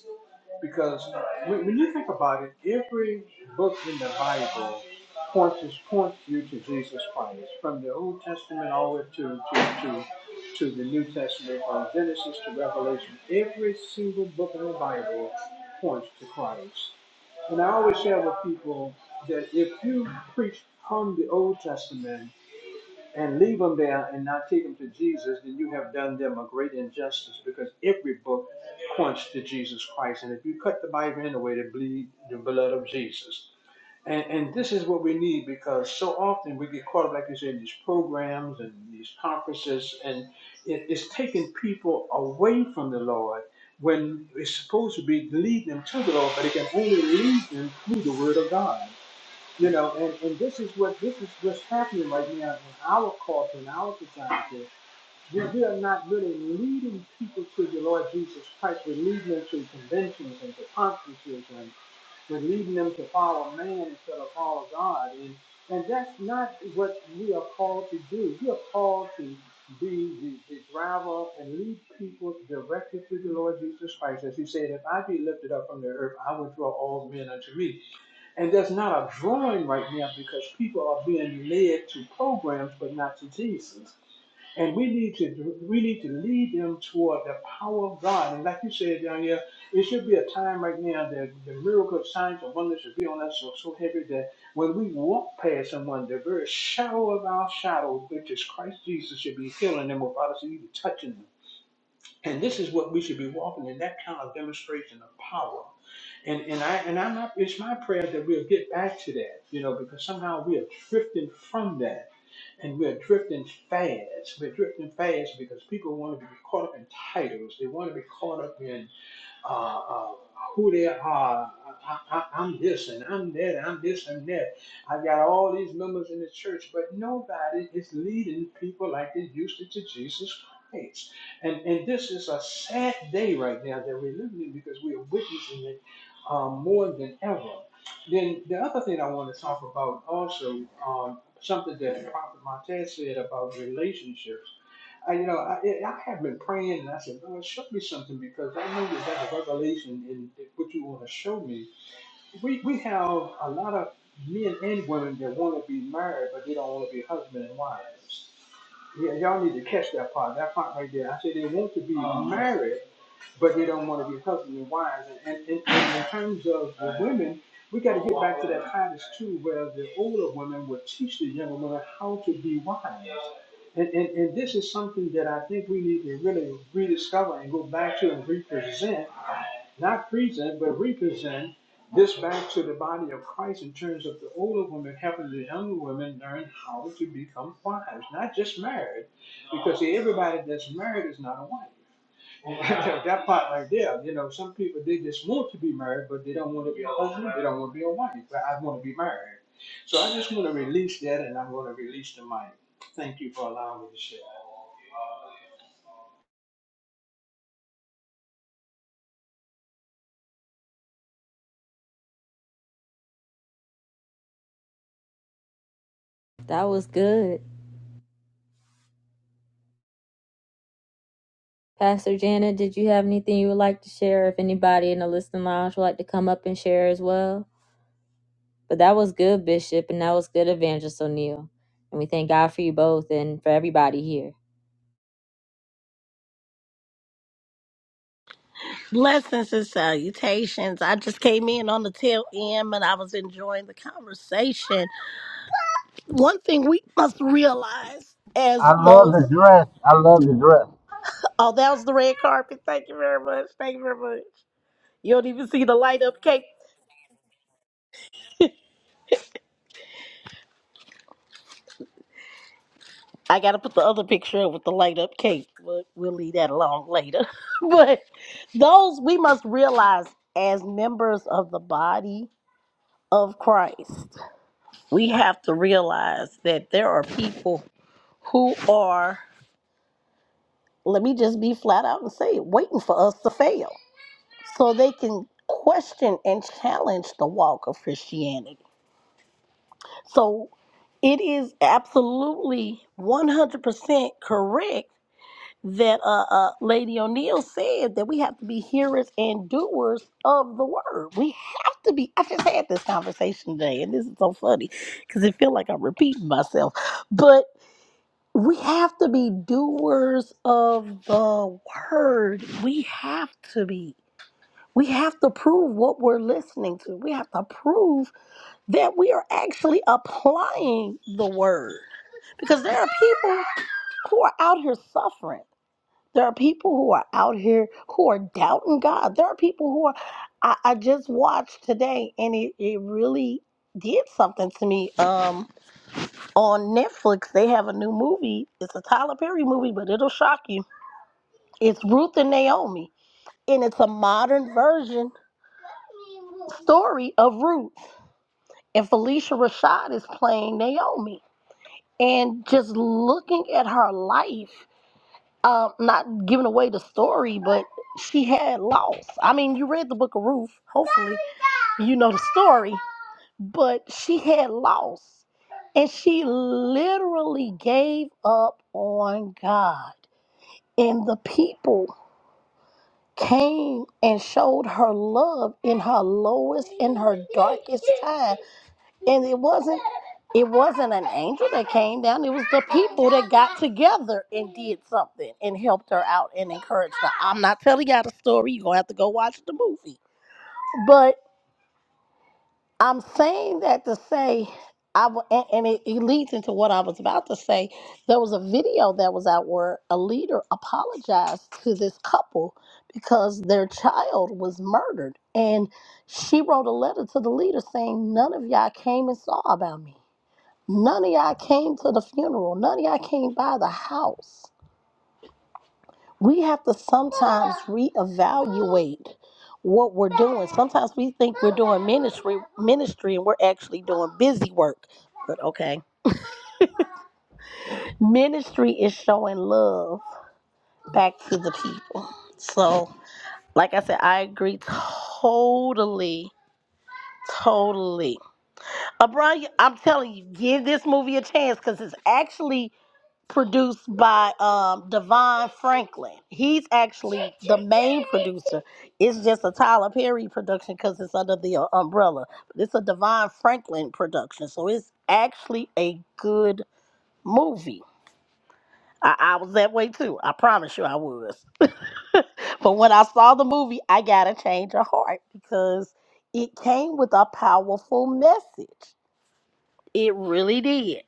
Speaker 3: Because when, when you think about it, every book in the Bible points us- points you to Jesus Christ, from the Old Testament all the way to to to, to the New Testament, from Genesis to Revelation. Every single book in the Bible points to Christ. And I always share with people that if you preach from the Old Testament and leave them there and not take them to Jesus, then you have done them a great injustice because every book points to Jesus Christ. And if you cut the Bible anyway, to bleed the blood of Jesus. And, and this is what we need because so often we get caught up, like you said, in these programs and these conferences, and it, it's taking people away from the Lord when it's supposed to be leading them to the Lord, but it can only lead them through the Word of God. You know, and, and this is what this is what's happening right now in our culture, in our society. We, we are not really leading people to the Lord Jesus Christ. We're leading them to conventions and to conferences, and we're leading them to follow man instead of follow God. And and that's not what we are called to do. We are called to be the, the driver and lead people directly to the Lord Jesus Christ. As he said, if I be lifted up from the earth, I will draw all men unto me. And there's not a drawing right now because people are being led to programs but not to Jesus. And we need to we need to lead them toward the power of God. And like you said down here, it should be a time right now that the miracle of signs and wonders should be on us so, so heavy that when we walk past someone, the very shadow of our shadow, which is Christ Jesus, should be healing them without us even touching them. And this is what we should be walking in that kind of demonstration of power. And and I and I'm not it's my prayer that we'll get back to that, you know, because somehow we are drifting from that. And we're drifting fast. We're drifting fast because people want to be caught up in titles. They want to be caught up in uh, uh, who they are. I, I, I'm this and I'm that and I'm this and that. I've got all these members in the church, but nobody is leading people like they used to to Jesus Christ. And and this is a sad day right now that we're living in because we are witnessing it um, more than ever. Then the other thing I want to talk about also um, something that Prophet Montez said about relationships I, you know, I, I have been praying, and I said, Lord, show me something because I know that that's a revelation in what you want to show me. We we have a lot of men and women that want to be married, but they don't want to be husband and wives. Yeah, y'all need to catch that part. That part right there. I said they want to be married, but they don't want to be husbands and wives. And, and, and, and in terms of the women, we got to get back to that Titus too, where the older women would teach the younger women how to be wives. And, and, and this is something that I think we need to really rediscover and go back to and represent, not present, but represent this back to the body of Christ in terms of the older women helping the younger women learn how to become wives, not just married, because see, everybody that's married is not a wife. that part right there, you know, some people they just want to be married, but they don't want to be a husband, they don't want to be a wife. But I want to be married. So I just want to release that, and I'm going to release the mic. Thank you for allowing me to share.
Speaker 2: That was good. Pastor Janet, did you have anything you would like to share? If anybody in the listening lounge would like to come up and share as well? But that was good, Bishop, and that was good, Evangelist O'Neill. And we thank God for you both and for everybody here.
Speaker 5: Blessings and salutations. I just came in on the tail end and I was enjoying the conversation. One thing we must realize as
Speaker 1: I love
Speaker 5: those
Speaker 1: the dress. I love the dress.
Speaker 5: oh, that was the red carpet. Thank you very much. Thank you very much. You don't even see the light up cape. I gotta put the other picture up with the light up cape, but we'll leave that alone later. but those we must realize as members of the body of Christ, we have to realize that there are people who are let me just be flat out and say it, waiting for us to fail so they can question and challenge the walk of Christianity. So it is absolutely 100% correct that uh, uh, Lady O'Neill said that we have to be hearers and doers of the word. We have to be. I just had this conversation today, and this is so funny because it feels like I'm repeating myself. but. We have to be doers of the word. We have to be. We have to prove what we're listening to. We have to prove that we are actually applying the word. Because there are people who are out here suffering. There are people who are out here who are doubting God. There are people who are. I, I just watched today and it, it really did something to me. Um, on Netflix, they have a new movie. It's a Tyler Perry movie, but it'll shock you It's Ruth and Naomi, and it's a modern version story of Ruth. And Felicia Rashad is playing Naomi. And just looking at her life, um, not giving away the story, but she had loss. I mean, you read the book of Ruth, hopefully, you know the story, but she had loss. And she literally gave up on God and the people. came and showed her love in her lowest in her darkest time and it wasn't it wasn't an angel that came down it was the people that got together and did something and helped her out and encouraged her i'm not telling y'all the story you're gonna have to go watch the movie but. I'm saying that to say, I w- and, and it, it leads into what I was about to say. There was a video that was out where a leader apologized to this couple because their child was murdered, and she wrote a letter to the leader saying, "None of y'all came and saw about me. None of y'all came to the funeral. None of y'all came by the house." we have to sometimes reevaluate what we're doing. Sometimes we think we're doing ministry ministry and we're actually doing busy work. But okay. Ministry is showing love back to the people. So, like I said, I agree totally, totally. Abron, I'm telling you, give this movie a chance because it's actually produced by um Devon Franklin. He's actually the main producer. It's just a Tyler Perry production because it's under the uh, umbrella. But it's a Devon Franklin production, so it's actually a good movie. I, I was that way too. I promise you, I was. but when I saw the movie, I gotta change of heart because it came with a powerful message. It really did.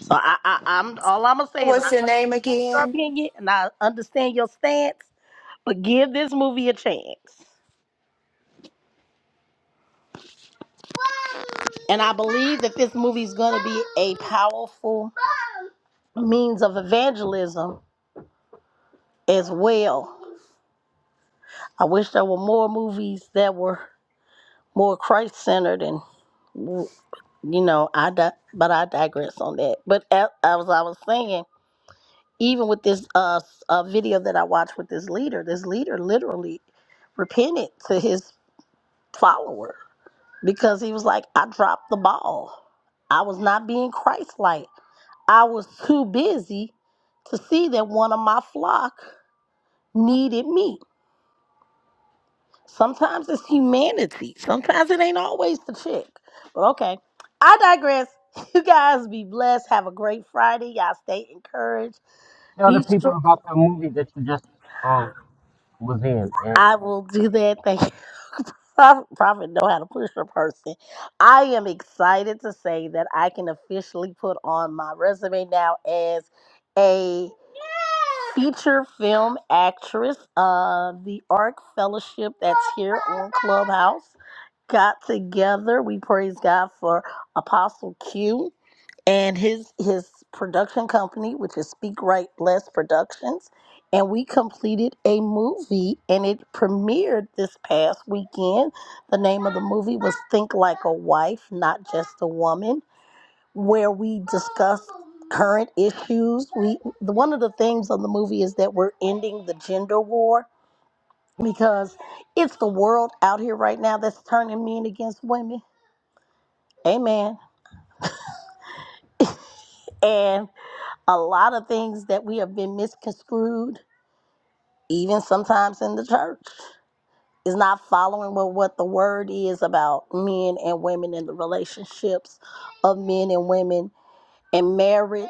Speaker 5: So I, I I'm all I'm gonna say is
Speaker 4: What's
Speaker 5: I
Speaker 4: your name
Speaker 5: your
Speaker 4: again?
Speaker 5: opinion and I understand your stance, but give this movie a chance. And I believe that this movie is going to be a powerful means of evangelism as well. I wish there were more movies that were more Christ centered and you know I di- but I digress on that. But as, as I was saying, even with this uh, s- uh video that I watched with this leader, this leader literally repented to his followers because he was like, I dropped the ball. I was not being Christ like. I was too busy to see that one of my flock needed me. Sometimes it's humanity, sometimes it ain't always the chick. But okay, I digress. You guys be blessed. Have a great Friday. Y'all stay encouraged.
Speaker 1: Tell the
Speaker 5: Be
Speaker 1: people
Speaker 5: strong.
Speaker 1: about the movie that you just um was in.
Speaker 5: I will do that. Thank you. Prof- Prophet know how to push a person. I am excited to say that I can officially put on my resume now as a feature film actress of the ARC Fellowship that's here on Clubhouse. Got together. We praise God for Apostle Q and his his production company which is speak right bless productions and we completed a movie and it premiered this past weekend the name of the movie was think like a wife not just a woman where we discussed current issues we the- one of the things on the movie is that we're ending the gender war because it's the world out here right now that's turning men against women amen and. a lot of things that we have been misconstrued, even sometimes in the church, is not following what, what the word is about men and women and the relationships of men and women and marriage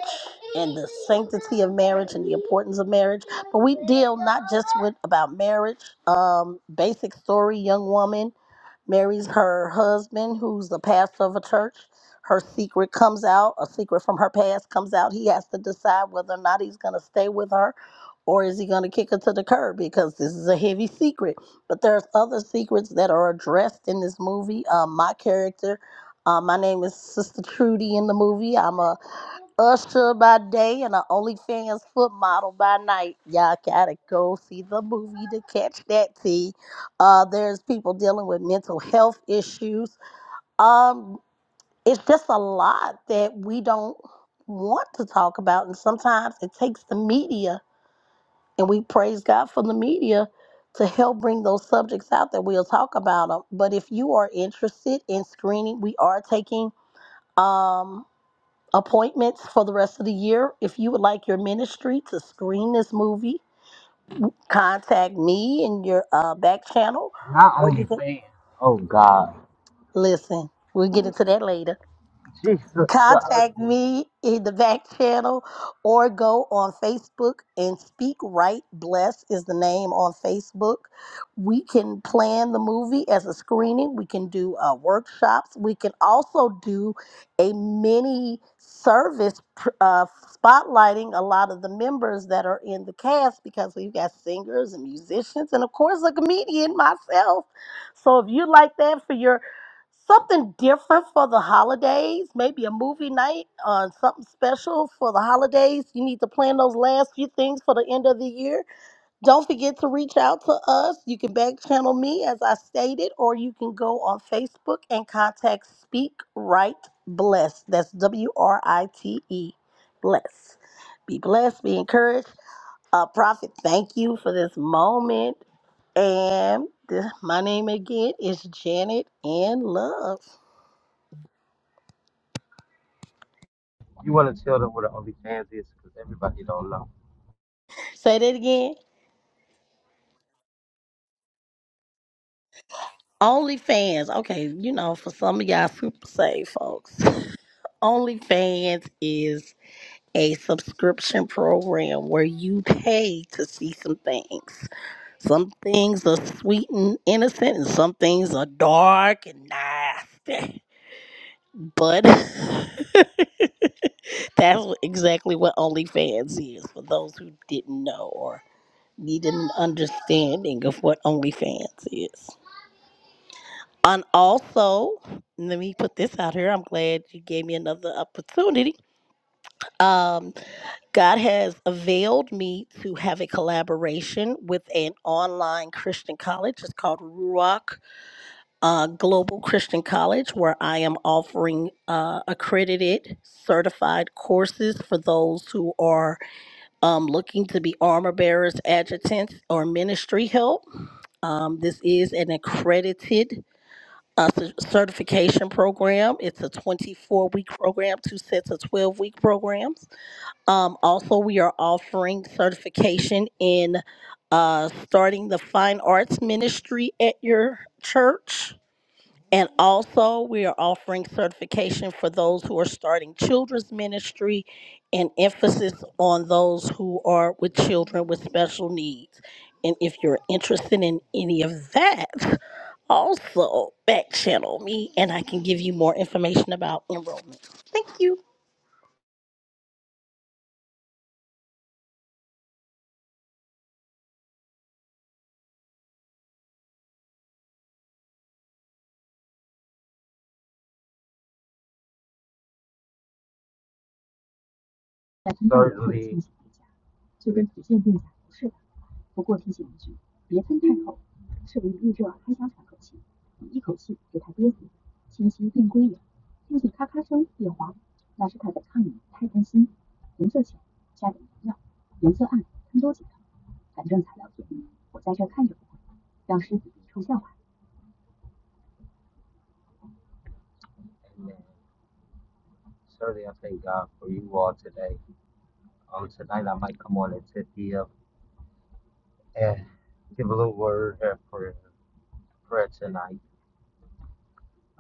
Speaker 5: and the sanctity of marriage and the importance of marriage. But we deal not just with about marriage, um, basic story, young woman marries her husband, who's the pastor of a church. Her secret comes out, a secret from her past comes out. He has to decide whether or not he's going to stay with her or is he going to kick her to the curb because this is a heavy secret. But there's other secrets that are addressed in this movie. Um, my character, uh, my name is Sister Trudy in the movie. I'm a Usher by day and an OnlyFans foot model by night. Y'all gotta go see the movie to catch that tea. Uh, there's people dealing with mental health issues. Um, it's just a lot that we don't want to talk about, and sometimes it takes the media, and we praise God for the media to help bring those subjects out that we'll talk about them. But if you are interested in screening, we are taking. Um, appointments for the rest of the year. If you would like your ministry to screen this movie, contact me in your uh, back channel,
Speaker 1: Not
Speaker 5: or you can
Speaker 1: OnlyFans. Oh God,
Speaker 5: listen. We'll get into that later.
Speaker 1: Jesus, dog.
Speaker 5: Contact me in the back channel or go on Facebook and Speak Right Bless is the name on Facebook. We can plan the movie as a screening, we can do uh, workshops, we can also do a mini service pr- uh, spotlighting a lot of the members that are in the cast because we've got singers and musicians and of course a comedian myself so if you like that for your something different for the holidays, maybe a movie night or something special for the holidays. You need to plan those last few things for the end of the year. Don't forget to reach out to us. You can back channel me, as I stated, or you can go on Facebook and contact Speak Right Bless. That's W R I T E, bless. Be blessed, be encouraged. Uh, Prophet, thank you for this moment. And this, my name again is Janet in Love.
Speaker 1: you want to tell them what an OnlyFans is because everybody don't know.
Speaker 5: Say that again. OnlyFans. Okay, you know, for some of y'all super safe folks, OnlyFans is a subscription program where you pay to see some things. Some things are sweet and innocent, and some things are dark and nasty. But that's what- exactly what OnlyFans is for those who didn't know or need an understanding of what OnlyFans is. And also, let me put this out here. I'm glad you gave me another opportunity. Um, God has availed me to have a collaboration with an online Christian college. It's called Ruach uh, Global Christian College, where I am offering uh, accredited, certified courses for those who are um, looking to be armor bearers, adjutants, or ministry help. Um, this is an accredited a cer- certification program. It's a 24 week program, two sets of 12 week programs. Um, also, we are offering certification in uh, starting the fine arts ministry at your church. And also, we are offering certification for those who are starting children's ministry and emphasis on those who are with children with special needs. And if you're interested in any of that, also back channel me and I can give you more information about enrollment. Thank you.
Speaker 1: Amen. Certainly, I thank God for you all today. Um, tonight I might come on and tip you up and give a little word and prayer, prayer tonight.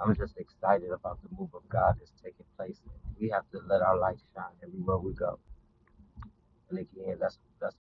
Speaker 1: I'm just excited about the move of God that's taking place. We have to let our light shine everywhere we go. And again, that's that's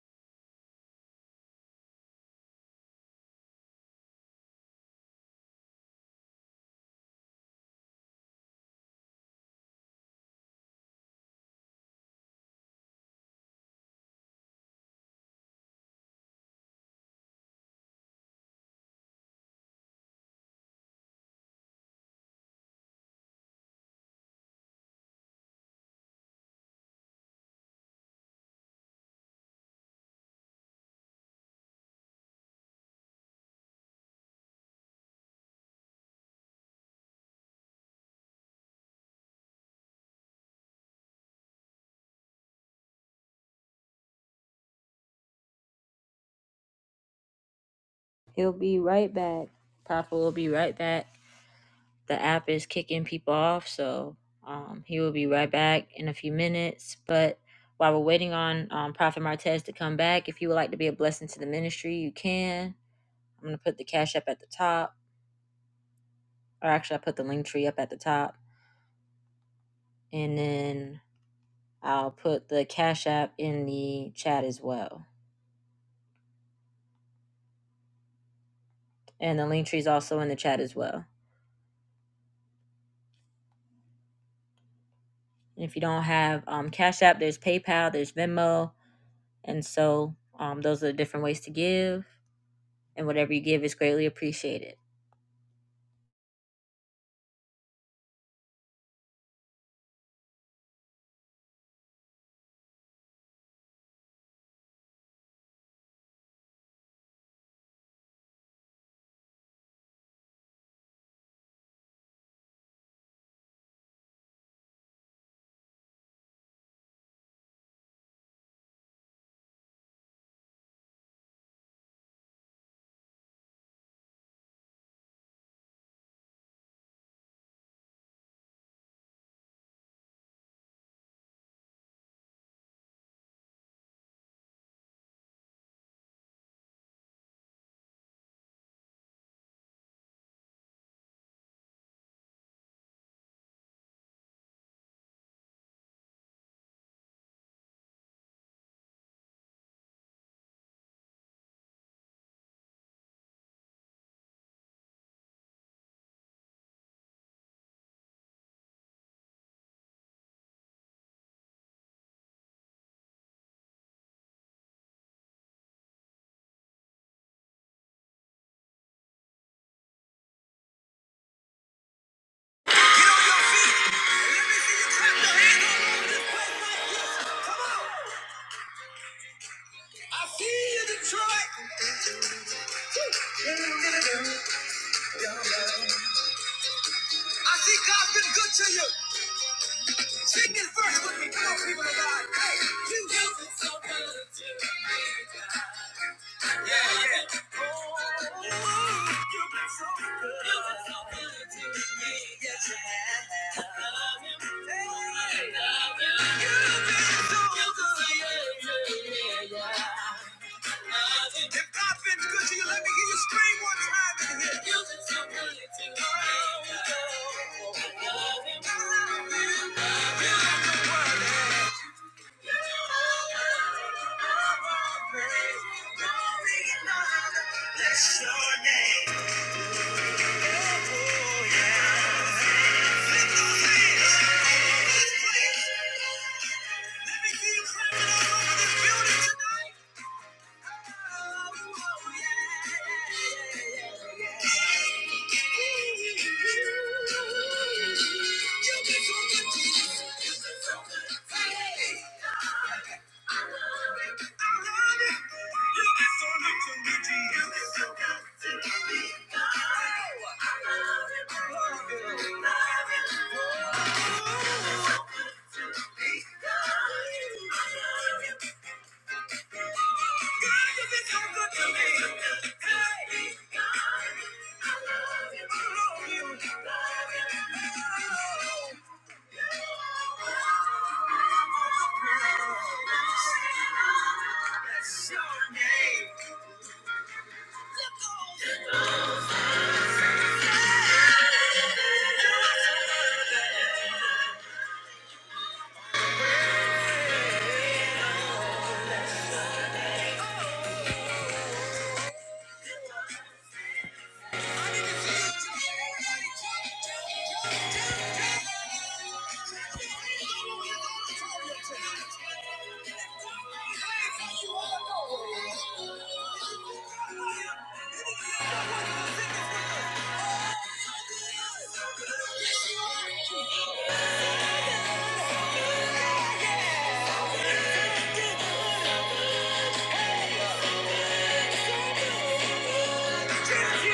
Speaker 2: He'll be right back. Papa will be right back. The app is kicking people off, so um, he will be right back in a few minutes. But while we're waiting on um, Prophet Martez to come back, if you would like to be a blessing to the ministry, you can. I'm going to put the cash up at the top, or actually, I put the link tree up at the top, and then I'll put the cash app in the chat as well. and the link tree is also in the chat as well. And if you don't have um, Cash App, there's PayPal, there's Venmo, and so um, those are the different ways to give. And whatever you give is greatly appreciated. I feel you, Detroit. I see God's been good to you. Sing this verse with me. Come on, people of God. Hey, Jesus. It's so good to be Yeah, yeah. Oh, you've been so good. You've been so good to me. Yes, you have. I love you. Hey, I love you. You've been so You've been so good. Yeah, yeah, yeah. If God feels good to you, let me hear you scream one time in here. You can tell me it's in love. I love him. I love him. You got to worry. Glory Bless your name. Oh, yeah. Lift those hands. Lift those hands. Let me hear you clapping all over this building tonight. I love you. Your name. Yes, you are. Yeah!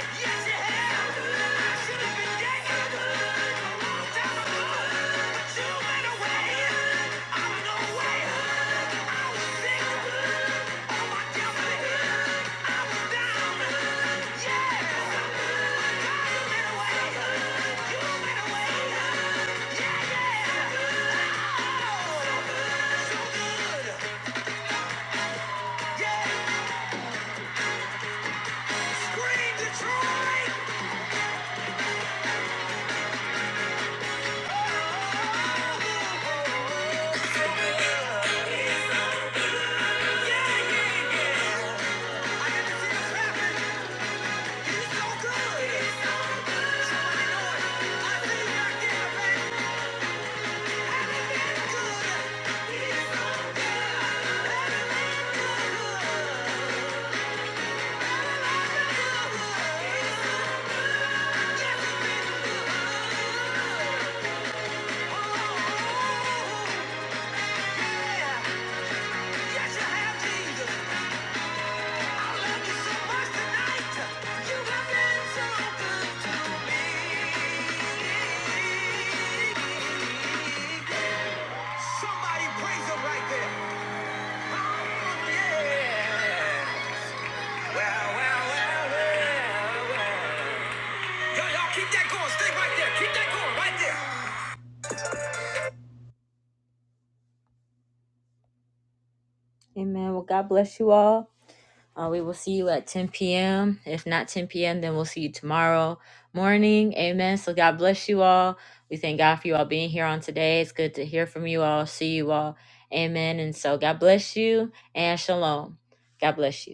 Speaker 2: Yes, you have. I should have been dead a long time ago, but you went away. I went away. I was sick. Oh, my devil. I was down. Yes, but God, you went away. You went away. Yeah, yeah. Oh, so good. Yeah, scream Detroit. Yes, you have Jesus. Amen. Well, God bless you all. Uh, we will see you at 10 p.m. If not 10 p.m., then we'll see you tomorrow morning. Amen. So God bless you all. We thank God for you all being here on today. It's good to hear from you all, see you all. Amen. And so God bless you and shalom. God bless you.